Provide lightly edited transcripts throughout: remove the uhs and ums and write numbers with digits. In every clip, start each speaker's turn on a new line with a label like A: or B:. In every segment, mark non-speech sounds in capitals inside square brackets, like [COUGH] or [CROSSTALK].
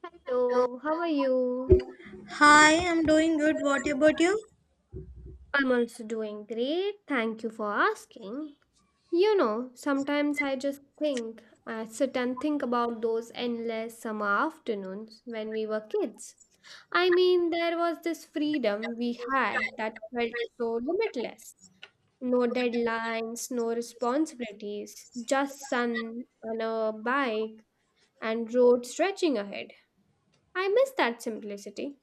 A: Hello, how are you?
B: Hi, I'm doing good. What about you?
A: I'm also doing great. Thank you for asking. You know, sometimes I just think, I sit and think about those endless summer afternoons when we were kids. I mean, there was this freedom we had that felt so limitless. No deadlines, no responsibilities, just sun on a bike and road stretching ahead. I miss that simplicity.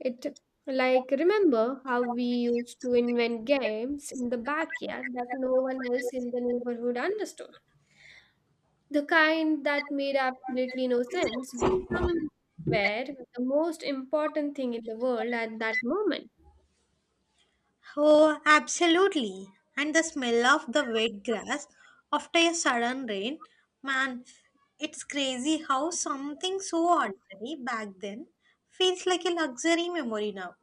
A: It like remember how we used to invent games in the backyard that no one else in the neighborhood understood. The kind that made absolutely no sense, but some were the most important thing in the world at that moment.
B: Oh, absolutely. And the smell of the wet grass after a sudden rain, man, it's crazy how something so ordinary back then feels like a luxury memory now.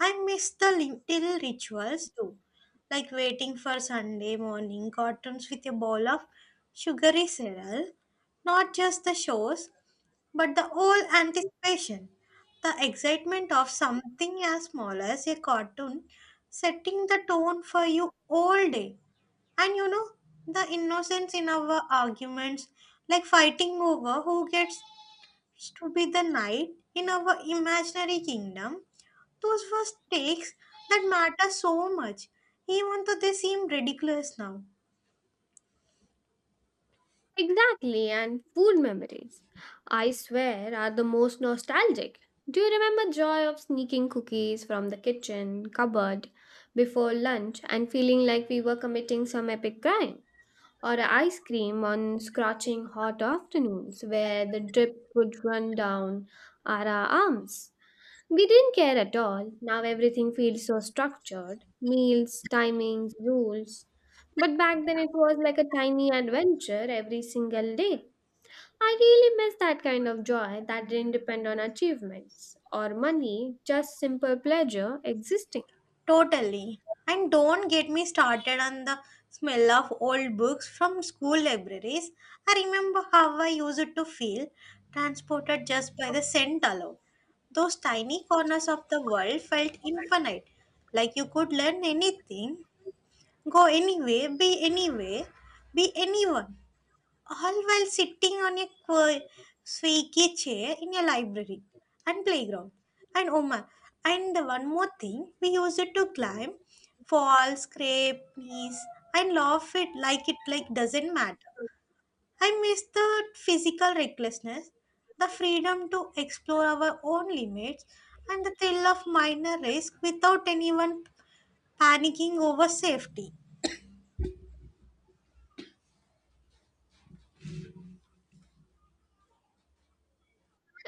B: I miss the little rituals too, like waiting for Sunday morning cartoons with a bowl of sugary cereal, not just the shows, but the whole anticipation, the excitement of something as small as a cartoon setting the tone for you all day. And the innocence in our arguments, like fighting over who gets to be the knight in our imaginary kingdom, those were stakes that matter so much, even though they seem ridiculous now.
A: Exactly, and food memories, I swear, are the most nostalgic. Do you remember joy of sneaking cookies from the kitchen cupboard before lunch and feeling like we were committing some epic crime? Or ice cream on scorching hot afternoons where the drips would run down our arms. We didn't care at all. Now everything feels so structured meals, timings, rules. But back then it was like a tiny adventure every single day. I really miss that kind of joy that didn't depend on achievements or money, just simple pleasure existing.
B: Totally. And don't get me started on the smell of old books from school libraries. I remember how I used to feel transported just by the scent alone. Those tiny corners of the world felt infinite, like you could learn anything, go anywhere, be anyone, all while sitting on a squeaky chair in a library and playground. And oh my, and the one more thing, we used it to climb, fall, scrape, knees, and laugh it like doesn't matter. I miss the physical recklessness, the freedom to explore our own limits, and the thrill of minor risk without anyone panicking over safety.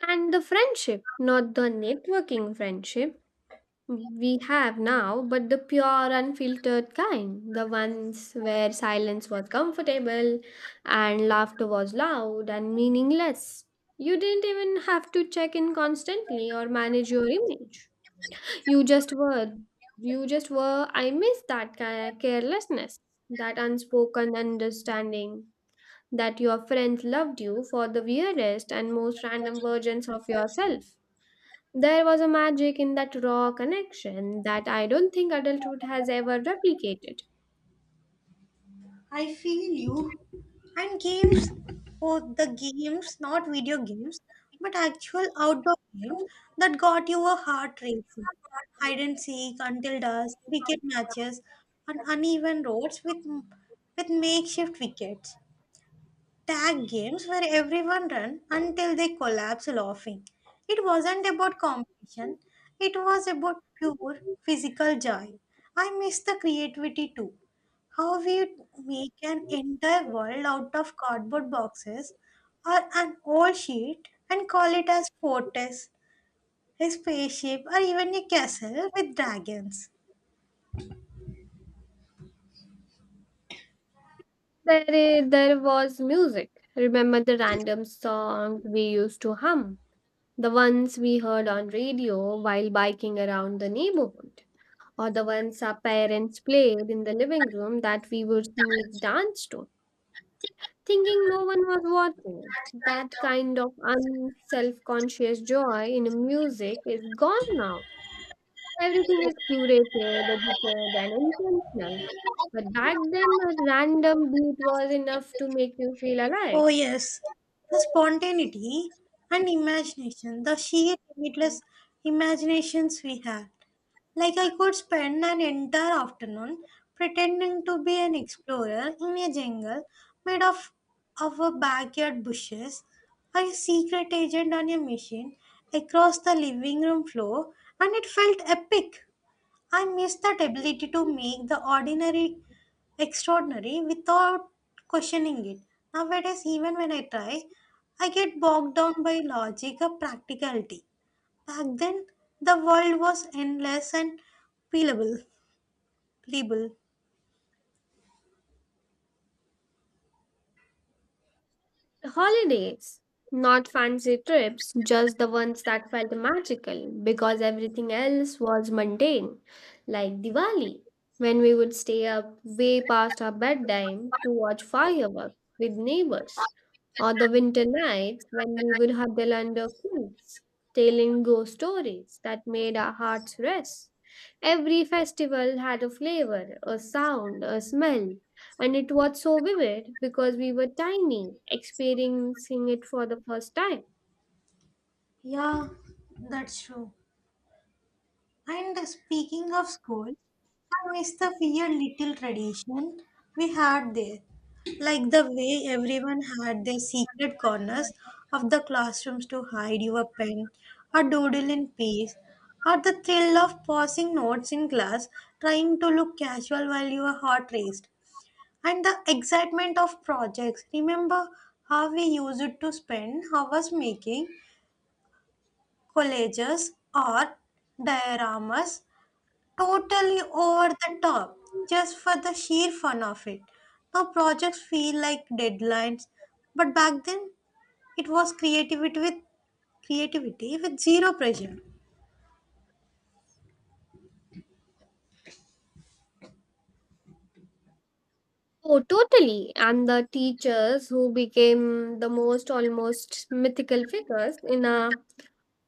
A: And the friendship, not the networking friendship we have now, but the pure, unfiltered kind, the ones where silence was comfortable and laughter was loud and meaningless. You didn't even have to check in constantly or manage your image. You just were. You just were. I miss that carelessness, that unspoken understanding that your friends loved you for the weirdest and most random versions of yourself. There was a magic in that raw connection that I don't think adulthood has ever replicated.
B: I feel you. And games, oh, the games, not video games, but actual outdoor games that got you a heart racing. Hide and seek until dusk, cricket matches, and uneven roads with makeshift wickets. Tag games where everyone ran until they collapsed laughing. It wasn't about competition, it was about pure physical joy. I miss the creativity too. How we make an entire world out of cardboard boxes or an old sheet and call it as fortress, a spaceship, or even a castle with dragons.
A: There was music. Remember the random songs we used to hum? The ones we heard on radio while biking around the neighborhood, or the ones our parents played in the living room that we would sneak dance to, thinking no one was watching. That kind of unself conscious joy in music is gone now. Everything is curated, edited, and intentional. But back then, a random beat was enough to make you feel alive.
B: Oh, yes, the spontaneity and imagination, the sheer limitless imaginations we have. Like, I could spend an entire afternoon pretending to be an explorer in a jungle made of a backyard bushes, or a secret agent on a machine across the living room floor, and it felt epic. I miss that ability to make the ordinary extraordinary without questioning it. Nowadays, even when I try, I get bogged down by logic or practicality. Back then, the world was endless and playable. playable.
A: Holidays, not fancy trips, just the ones that felt magical because everything else was mundane, like Diwali, when we would stay up way past our bedtime to watch fireworks with neighbors, or the winter nights when we would huddle under quilts, telling ghost stories that made our hearts rest. Every festival had a flavor, a sound, a smell, and it was so vivid because we were tiny, experiencing it for the first time.
B: Yeah, that's true. And speaking of school, I miss the weird little tradition we had there. Like the way everyone had their secret corners of the classrooms to hide your pen or doodle in peace, or the thrill of passing notes in class trying to look casual while your heart raced, and the excitement of projects. Remember how we used to spend hours making collages or dioramas, totally over the top, just for the sheer fun of it. Now projects feel like deadlines, but back then it was creativity with zero pressure.
A: Oh, totally. And the teachers who became the most almost mythical figures in our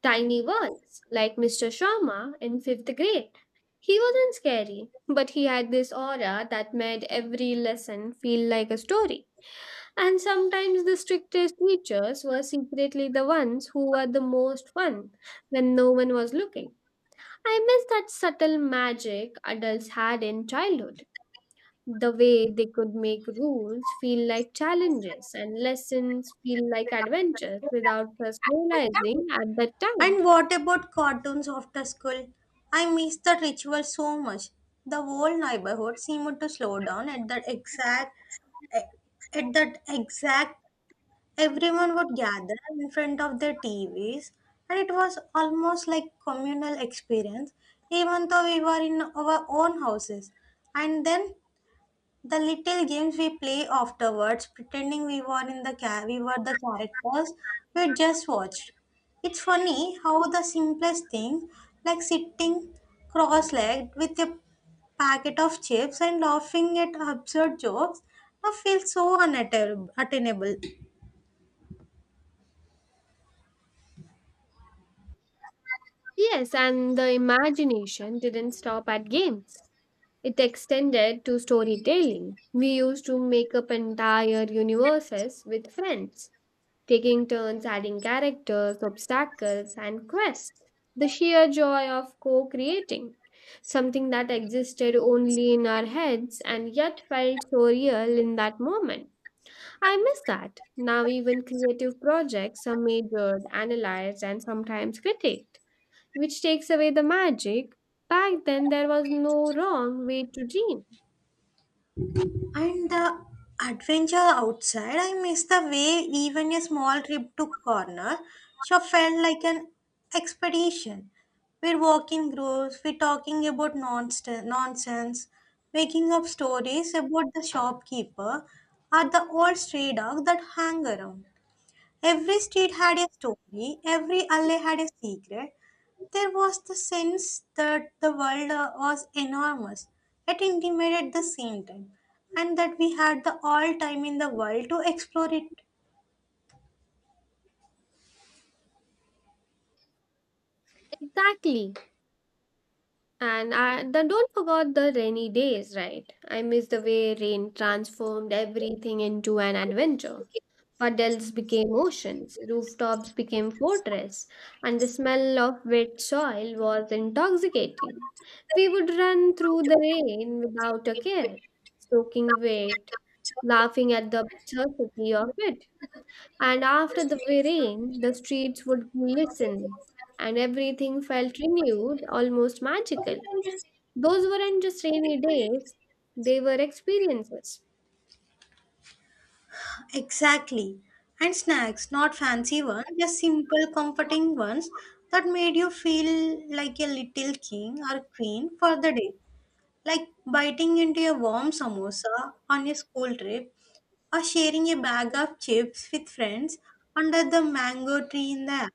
A: tiny worlds, like Mr. Sharma in fifth grade. He wasn't scary, but he had this aura that made every lesson feel like a story. And sometimes the strictest teachers were secretly the ones who were the most fun when no one was looking. I miss that subtle magic adults had in childhood. The way they could make rules feel like challenges and lessons feel like adventures without us realizing at that time.
B: And what about cartoons after school? I miss that ritual so much. The whole neighborhood seemed to slow down at that exact. Everyone would gather in front of their TVs, and it was almost like communal experience, even though we were in our own houses. And then the little games we play afterwards, pretending we were the characters we just watched. It's funny how the simplest thing, like sitting cross-legged with a packet of chips and laughing at absurd jokes, now feels so unattainable.
A: Yes, and the imagination didn't stop at games. It extended to storytelling. We used to make up entire universes with friends, taking turns adding characters, obstacles, and quests. The sheer joy of co creating, something that existed only in our heads and yet felt so real in that moment. I miss that. Now, even creative projects are measured, analyzed, and sometimes critiqued, which takes away the magic. Back then, there was no wrong way to dream.
B: And the adventure outside, I miss the way even a small trip to corner shop felt like an expedition. We're walking groups, we're talking about nonsense, making up stories about the shopkeeper or the old stray dog that hang around. Every street had a story, every alley had a secret. There was the sense that the world was enormous, yet intimate at the same time, and that we had the all time in the world to explore it.
A: Exactly. And I, then don't forget the rainy days, right? I miss the way rain transformed everything into an adventure. Puddles became oceans, rooftops became fortress, and the smell of wet soil was intoxicating. We would run through the rain without a care, soaking wet, laughing at the absurdity of it. And after the rain, the streets would glisten, and everything felt renewed, almost magical. Those weren't just rainy days, they were experiences.
B: Exactly. And snacks, not fancy ones, just simple, comforting ones that made you feel like a little king or queen for the day. Like biting into a warm samosa on a school trip, or sharing a bag of chips with friends under the mango tree in the air.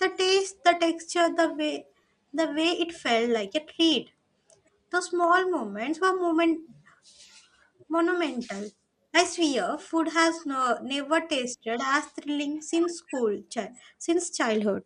B: The taste, the texture, the way it felt like a treat. Those small moments were monumental. I swear, food has never tasted as thrilling since childhood.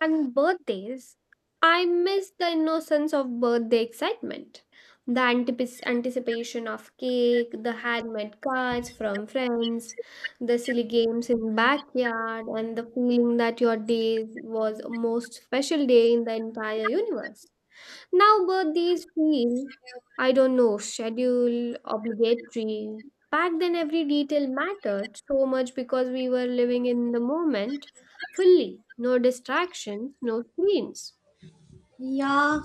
A: And birthdays, I miss the innocence of birthday excitement. The anticipation of cake, the handmade cards from friends, the silly games in backyard, and the feeling that your day was most special day in the entire universe. Now birthdays feel, I don't know, schedule, obligatory. Back then, every detail mattered so much because we were living in the moment fully. No distractions, no screens,
B: Yeah.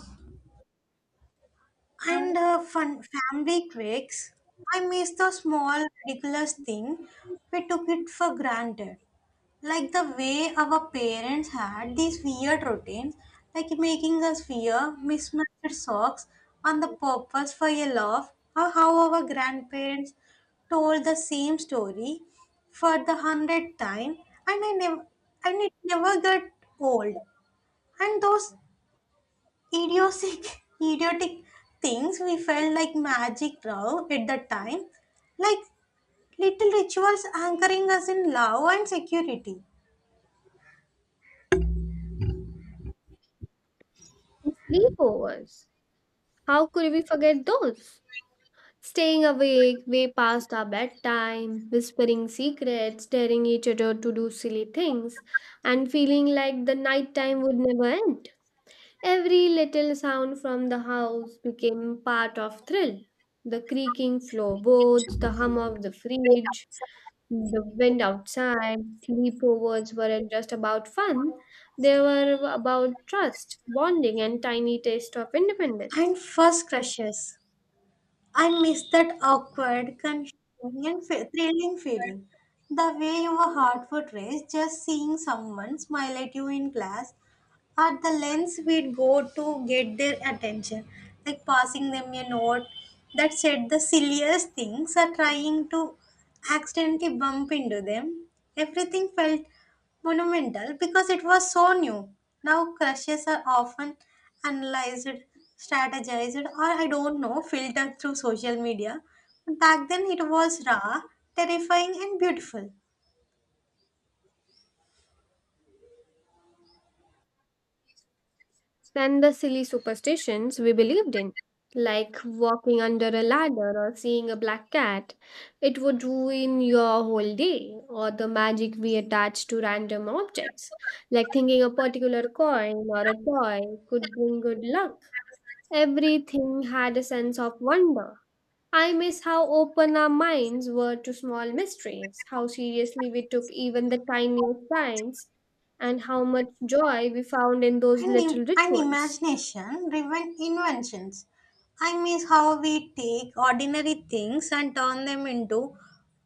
A: and
B: And fun family tricks. I miss the small ridiculous thing we took it for granted. Like the way our parents had these weird routines, like making us wear mismatched socks on the purpose for a laugh, or how our grandparents told the same story for the hundredth time, and I never and it never got old. And those idiotic idiotic things we felt like magic bro at the time, like little rituals anchoring us in love and security.
A: sleepovers. How could we forget those? Staying awake way past our bedtime, whispering secrets, daring each other to do silly things, and feeling like the night time would never end. Every little sound from the house became part of thrill. The creaking floorboards, the hum of the fridge, the wind outside, sleepovers weren't just about fun. They were about trust, bonding, and tiny taste of independence.
B: And first crushes, I miss that awkward, confusing, and thrilling feeling, the way your heart would race just seeing someone smile at you in class, are the lengths we'd go to get their attention, like passing them a note that said the silliest things, or trying to accidentally bump into them. Everything felt monumental because it was so new. Now crushes are often analyzed, strategized, or, I don't know, filtered through social media. But back then it was raw, terrifying, and beautiful.
A: Than the silly superstitions we believed in, like walking under a ladder or seeing a black cat. It would ruin your whole day, or the magic we attach to random objects, like thinking a particular coin or a toy could bring good luck. Everything had a sense of wonder. I miss how open our minds were to small mysteries, how seriously we took even the tiniest signs, and how much joy we found in those
B: and, im-
A: little
B: and
A: rituals.
B: imagination driven inventions. I miss how we take ordinary things and turn them into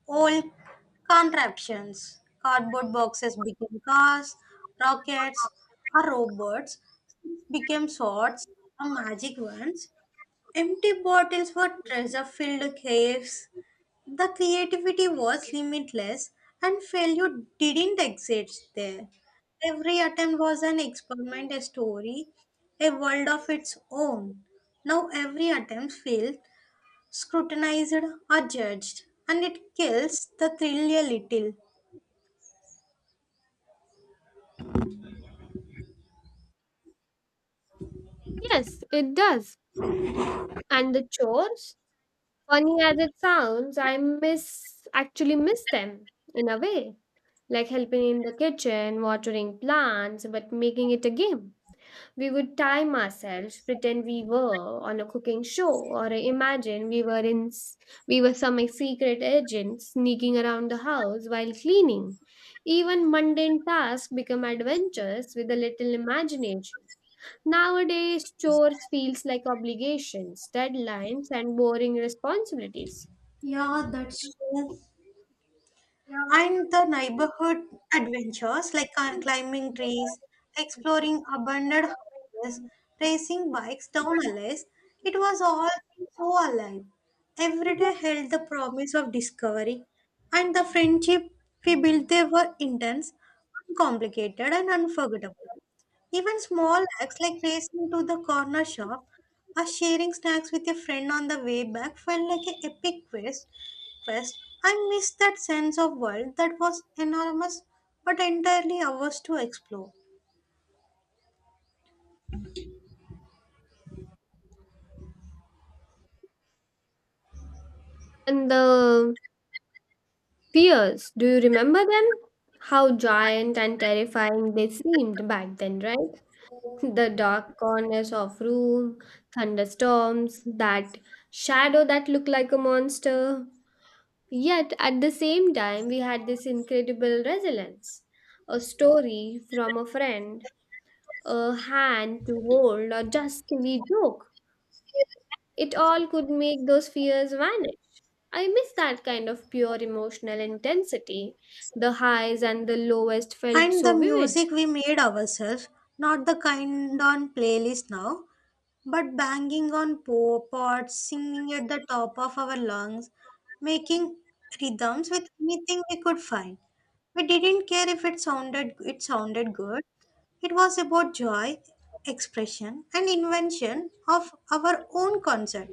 B: old contraptions. Cardboard boxes became cars, rockets, or robots, became swords or magic wands. Empty bottles were treasure filled caves. The creativity was limitless and failure didn't exist there. Every attempt was an experiment, a story, a world of its own. Now every attempt failed, scrutinized, or judged, and it kills the thrill a little.
A: Yes, it does. And the chores, funny as it sounds, I miss actually miss them in a way. Like helping in the kitchen, watering plants, but making it a game. We would time ourselves, pretend we were on a cooking show, or imagine we were some secret agent sneaking around the house while cleaning. Even mundane tasks become adventures with a little imagination. Nowadays, chores feels like obligations, deadlines, and boring responsibilities.
B: Yeah, that's true. And the neighborhood adventures, like climbing trees, exploring abandoned houses, racing bikes down alleys, it was all so alive. Every day held the promise of discovery, and the friendship we built, they were intense, uncomplicated, and unforgettable. Even small acts like racing to the corner shop or sharing snacks with a friend on the way back felt like an epic quest. I miss that sense of world that was enormous but entirely ours to explore.
A: And the fears, do you remember them? How giant and terrifying they seemed back then, right? [LAUGHS] The dark corners of room, thunderstorms, that shadow that looked like a monster. Yet at the same time, we had this incredible resilience. A story from a friend a hand to hold, or just silly joke. It all could make those fears vanish. I miss that kind of pure emotional intensity. The highs and the lowest felt
B: And the
A: so vivid.
B: music we made ourselves, not the kind on playlist now, but banging on pots, singing at the top of our lungs, making rhythms with anything we could find. We didn't care if it sounded good. It was about joy, expression, and invention of our own concert.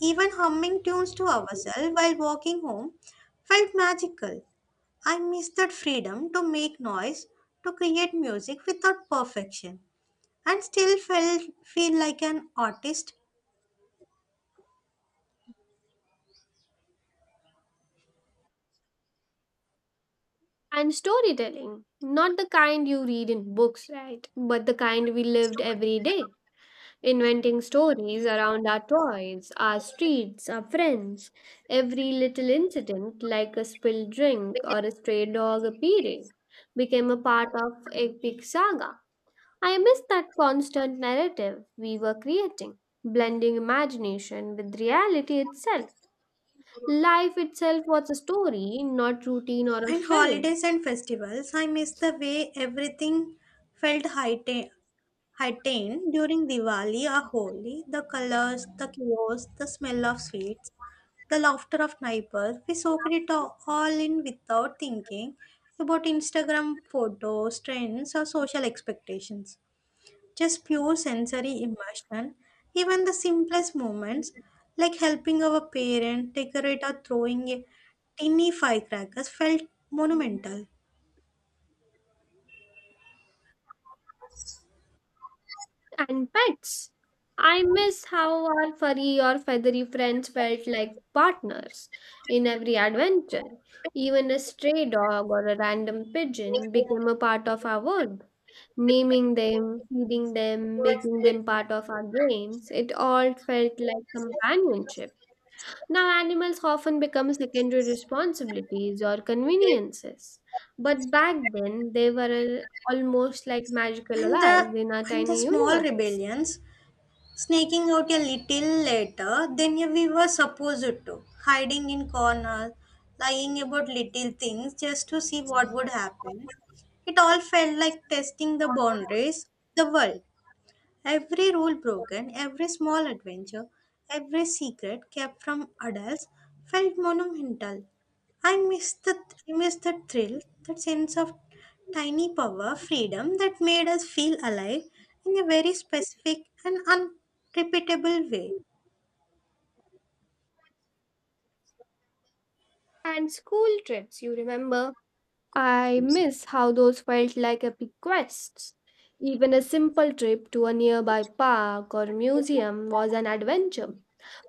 B: Even humming tunes to ourselves while walking home felt magical. I miss that freedom to make noise, to create music without perfection, and still feel like an artist.
A: And storytelling, not the kind you read in books, right? But the kind we lived every day. Inventing stories around our toys, our streets, our friends, every little incident, like a spilled drink or a stray dog appearing, became a part of epic saga. I miss that constant narrative we were creating, blending imagination with reality itself. Life itself was a story, not routine or a
B: And
A: schedule.
B: holidays and festivals, I miss the way everything felt heightened during Diwali or Holi. The colors, the chaos, the smell of sweets, the laughter of neighbors. We soaked it all in without thinking about Instagram photos, trends, or social expectations. Just pure sensory immersion. Even the simplest moments, like helping our parent decorate or throwing a tiny firecrackers, felt monumental.
A: And pets. I miss how our furry or feathery friends felt like partners in every adventure. Even a stray dog or a random pigeon became a part of our world. Naming them, feeding them, making them part of our games, it all felt like companionship. Now, animals often become secondary responsibilities or conveniences. But back then, they were almost like magical
B: And
A: alive
B: the
A: in our
B: and the
A: tiny
B: small
A: universes.
B: rebellions, sneaking out a little later than we were supposed to, hiding in corners, lying about little things just to see what would happen. It all felt like testing the boundaries, the world. Every rule broken, every small adventure, every secret kept from adults felt monumental. I missed the I miss that thrill, that sense of tiny power, freedom that made us feel alive in a very specific and unrepeatable way.
A: And school trips, you remember? I miss how those felt like epic quests. Even a simple trip to a nearby park or museum was an adventure.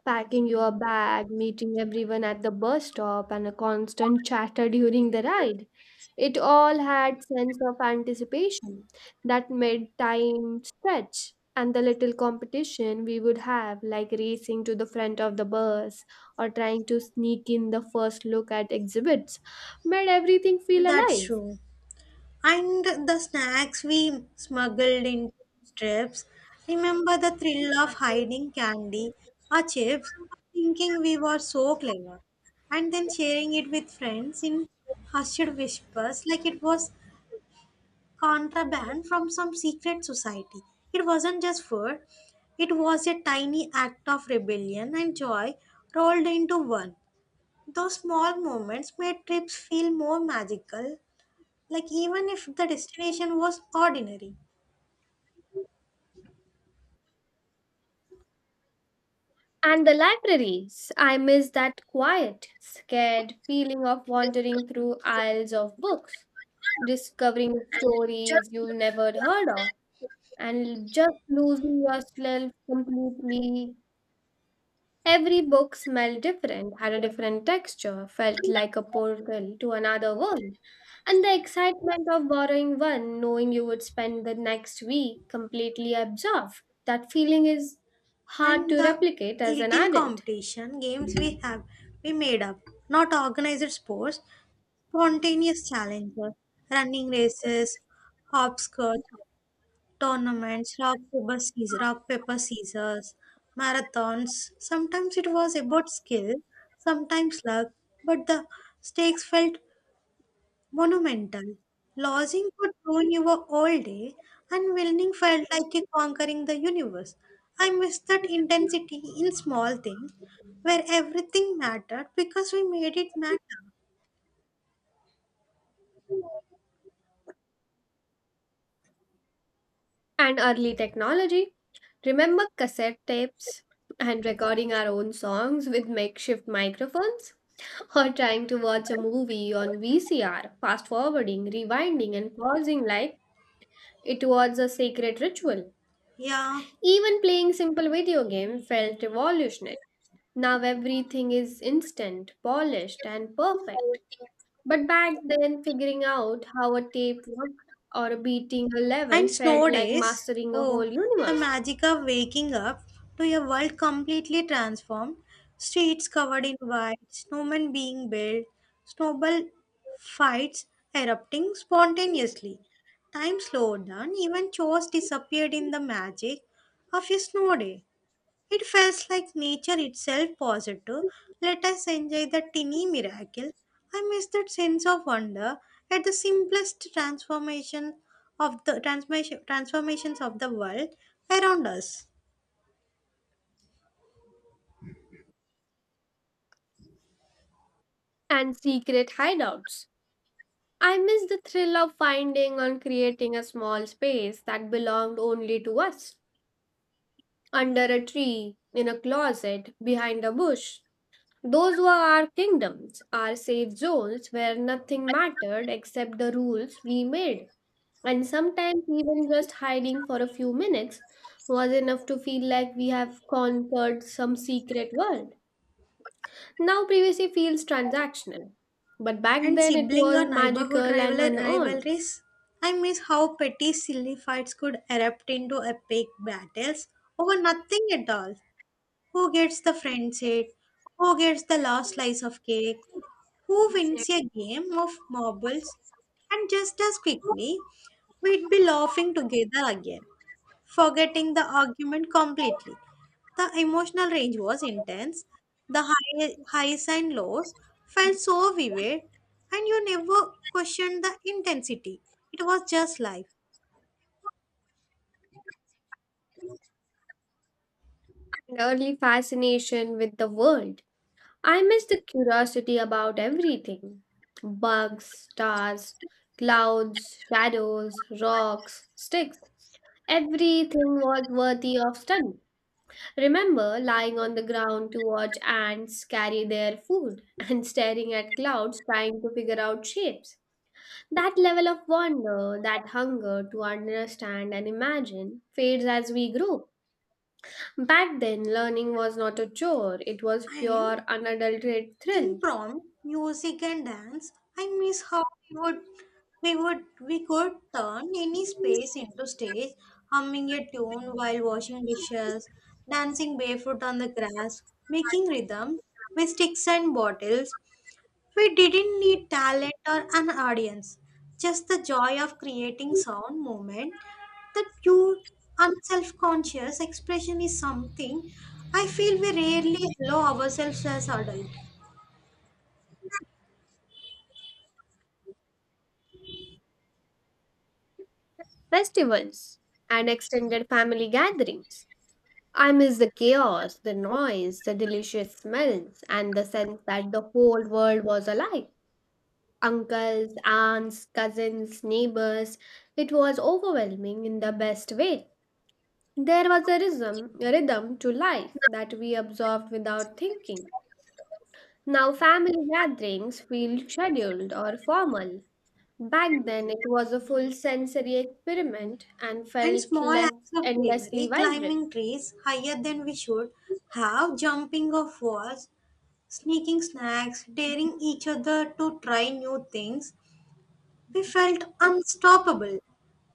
A: Packing your bag, meeting everyone at the bus stop, and a constant chatter during the ride. It all had sense of anticipation that made time stretch and the little competition we would have like racing to the front of the bus or trying to sneak in the first look at exhibits made everything feel
B: That's
A: alive.
B: true. And the snacks we smuggled into strips. Remember the thrill of hiding candy or chips, thinking we were so clever, and then sharing it with friends in hushed whispers like it was contraband from some secret society. It wasn't just food, it was a tiny act of rebellion and joy rolled into one. Those small moments made trips feel more magical, like even if the destination was ordinary.
A: And the libraries. I miss that quiet, scared feeling of wandering through aisles of books, discovering stories you never heard of, and just losing yourself completely. Every book smelled different, had a different texture, felt like a portal to another world. And the excitement of borrowing one, knowing you would spend the next week completely absorbed, that feeling is hard
B: And
A: to
B: the
A: replicate as an
B: little
A: adult.
B: competition games we made up, not organized sports, spontaneous challenges, running races, hopscotch tournaments, rock paper scissors marathons. Sometimes it was about skill, sometimes luck, but the stakes felt monumental. Losing could ruin your whole day, and winning felt like you conquering the universe. I miss that intensity in small things where everything mattered because we made it matter.
A: And early technology. Remember cassette tapes and recording our own songs with makeshift microphones? [LAUGHS] Or trying to watch a movie on VCR, fast forwarding, rewinding, and pausing like it was a sacred ritual.
B: Yeah.
A: Even playing simple video game felt revolutionary. Now everything is instant, polished, and perfect. But back then, figuring out how a tape worked or beating a
B: And
A: level felt
B: snow
A: like
B: days,
A: mastering a whole
B: oh, the
A: universe.
B: magic of waking up to a world completely transformed, streets covered in white, snowmen being built, snowball fights erupting spontaneously. Time slowed down, even chores disappeared in the magic of a snow day. It felt like nature itself paused to let us enjoy the tiny miracle. I miss that sense of wonder at the simplest transformations of the world around us.
A: And secret hideouts. I miss the thrill of finding and creating a small space that belonged only to us. Under a tree, in a closet, behind a bush. Those were our kingdoms, our safe zones where nothing mattered except the rules we made. And sometimes, even just hiding for a few minutes was enough to feel like we have conquered some secret world. Now privacy feels transactional, but back
B: And
A: then it
B: sibling or
A: was
B: neighborhood
A: magical and unearned,
B: rivalries. I miss how petty silly fights could erupt into epic battles over nothing at all. Who gets the friend seat? Who gets the last slice of cake? Who wins a game of marbles? And just as quickly, we'd be laughing together again, forgetting the argument completely. The emotional range was intense. The highs and lows felt so vivid, and you never questioned the intensity. It was just life.
A: an early fascination with the world. I miss the curiosity about everything bugs, stars, clouds, shadows, rocks, sticks. Everything was worthy of study. Remember lying on the ground to watch ants carry their food [LAUGHS] and staring at clouds trying to figure out shapes. That level of wonder, that hunger to understand and imagine, fades as we grow. Back then, learning was not a chore, it was
B: And
A: pure, unadulterated thrill.
B: impromptu music and dance. I miss how we would we could turn any space into stage, humming a tune while washing dishes, dancing barefoot on the grass, making rhythm with sticks and bottles. We didn't need talent or an audience, just the joy of creating sound movement. The pure, unself-conscious expression is something I feel we rarely allow ourselves as adults.
A: Festivals and extended family gatherings. I miss the chaos, the noise, the delicious smells, and the sense that the whole world was alive. Uncles, aunts, cousins, neighbors. It was overwhelming in the best way. There was a rhythm to life that we observed without thinking. Now family gatherings feel scheduled or formal. Back then it was a full sensory experiment and
B: And
A: felt
B: small
A: less
B: acts of
A: endlessly
B: bravery, climbing
A: vibrant.
B: trees higher than we should have, jumping off walls, sneaking snacks, daring each other to try new things. We felt unstoppable.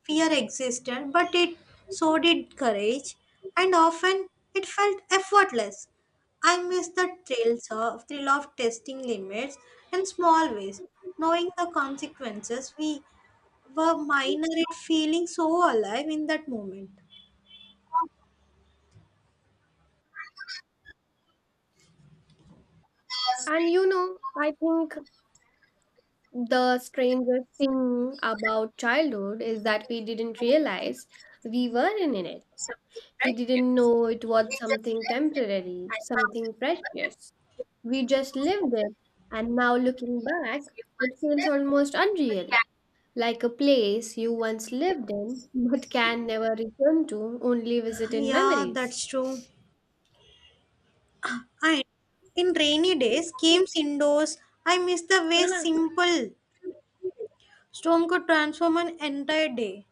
B: Fear existed, but it so did courage, and often it felt effortless. I miss the thrill of testing limits in small ways, knowing the consequences. We were minor, it feeling so alive in that moment.
A: And you know, I think the strangest thing about childhood is that we didn't realize we were in it. We didn't know it was something temporary, something precious. We just lived it, and now looking back, it feels almost unreal, like a place you once lived in [LAUGHS] but can never return to, only visit in
B: Yeah,
A: memories.
B: that's true. And in rainy days, games indoors, I miss the way
A: Hannah,
B: simple storm could transform an entire day.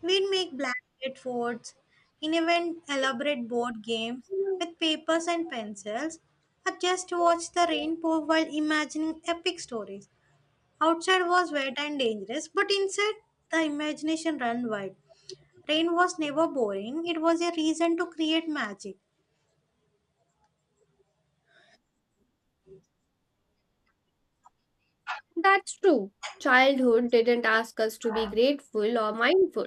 B: We'd make blanket forts, in even elaborate board games with papers and pencils, or just watch the rain pour while imagining epic stories. Outside was wet and dangerous, but inside the imagination ran wild. Rain was never boring, it was a reason to create magic.
A: that's true. Childhood didn't ask us to be grateful or mindful.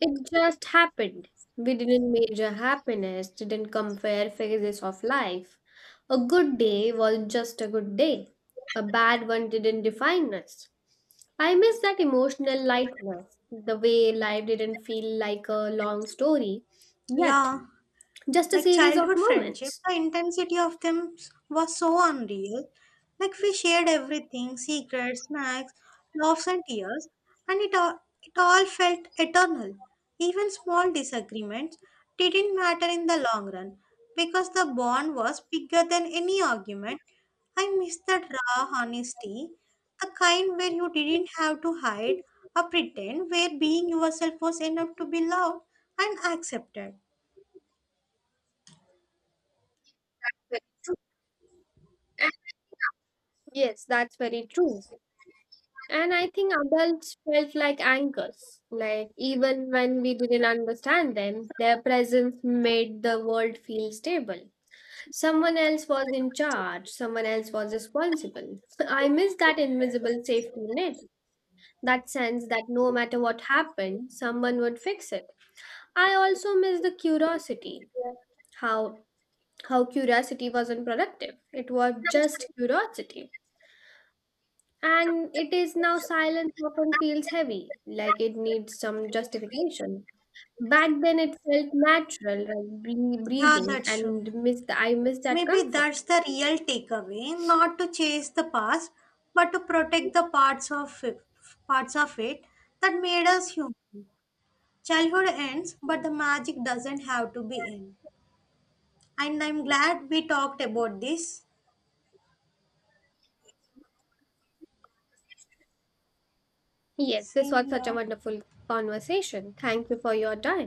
A: It just happened. We didn't measure happiness, didn't compare phases of life. A good day was just a good day. A bad one didn't define us. I miss that emotional lightness, the way life didn't feel like a long story, yet
B: Yeah.
A: just a
B: Like
A: series of
B: childhood friendship,
A: moments.
B: the intensity of them was so unreal. Like we shared everything, secrets, snacks, laughs and tears, and it all felt eternal. Even small disagreements didn't matter in the long run because the bond was bigger than any argument. I miss that raw honesty, the kind where you didn't have to hide or pretend, where being yourself was enough to be loved and accepted.
A: Yes, that's very true. And I think adults felt like anchors. Like, even when we didn't understand them, their presence made the world feel stable. Someone else was in charge, someone else was responsible. I miss that invisible safety net, that sense that no matter what happened, someone would fix it. I also miss the curiosity, how how curiosity wasn't productive. It was just curiosity. And it is now silence often feels heavy, like it needs some justification. Back then, it felt natural, like
B: Yeah,
A: breathing,
B: that's true.
A: and miss I miss that
B: Maybe that's
A: comfort.
B: the real takeaway, not to chase the past, but to protect the parts of it that made us human. Childhood ends, but the magic doesn't have to be in. And I'm glad we talked about this.
A: Yes, this
B: Same
A: was such a
B: here.
A: wonderful conversation. Thank you for your time.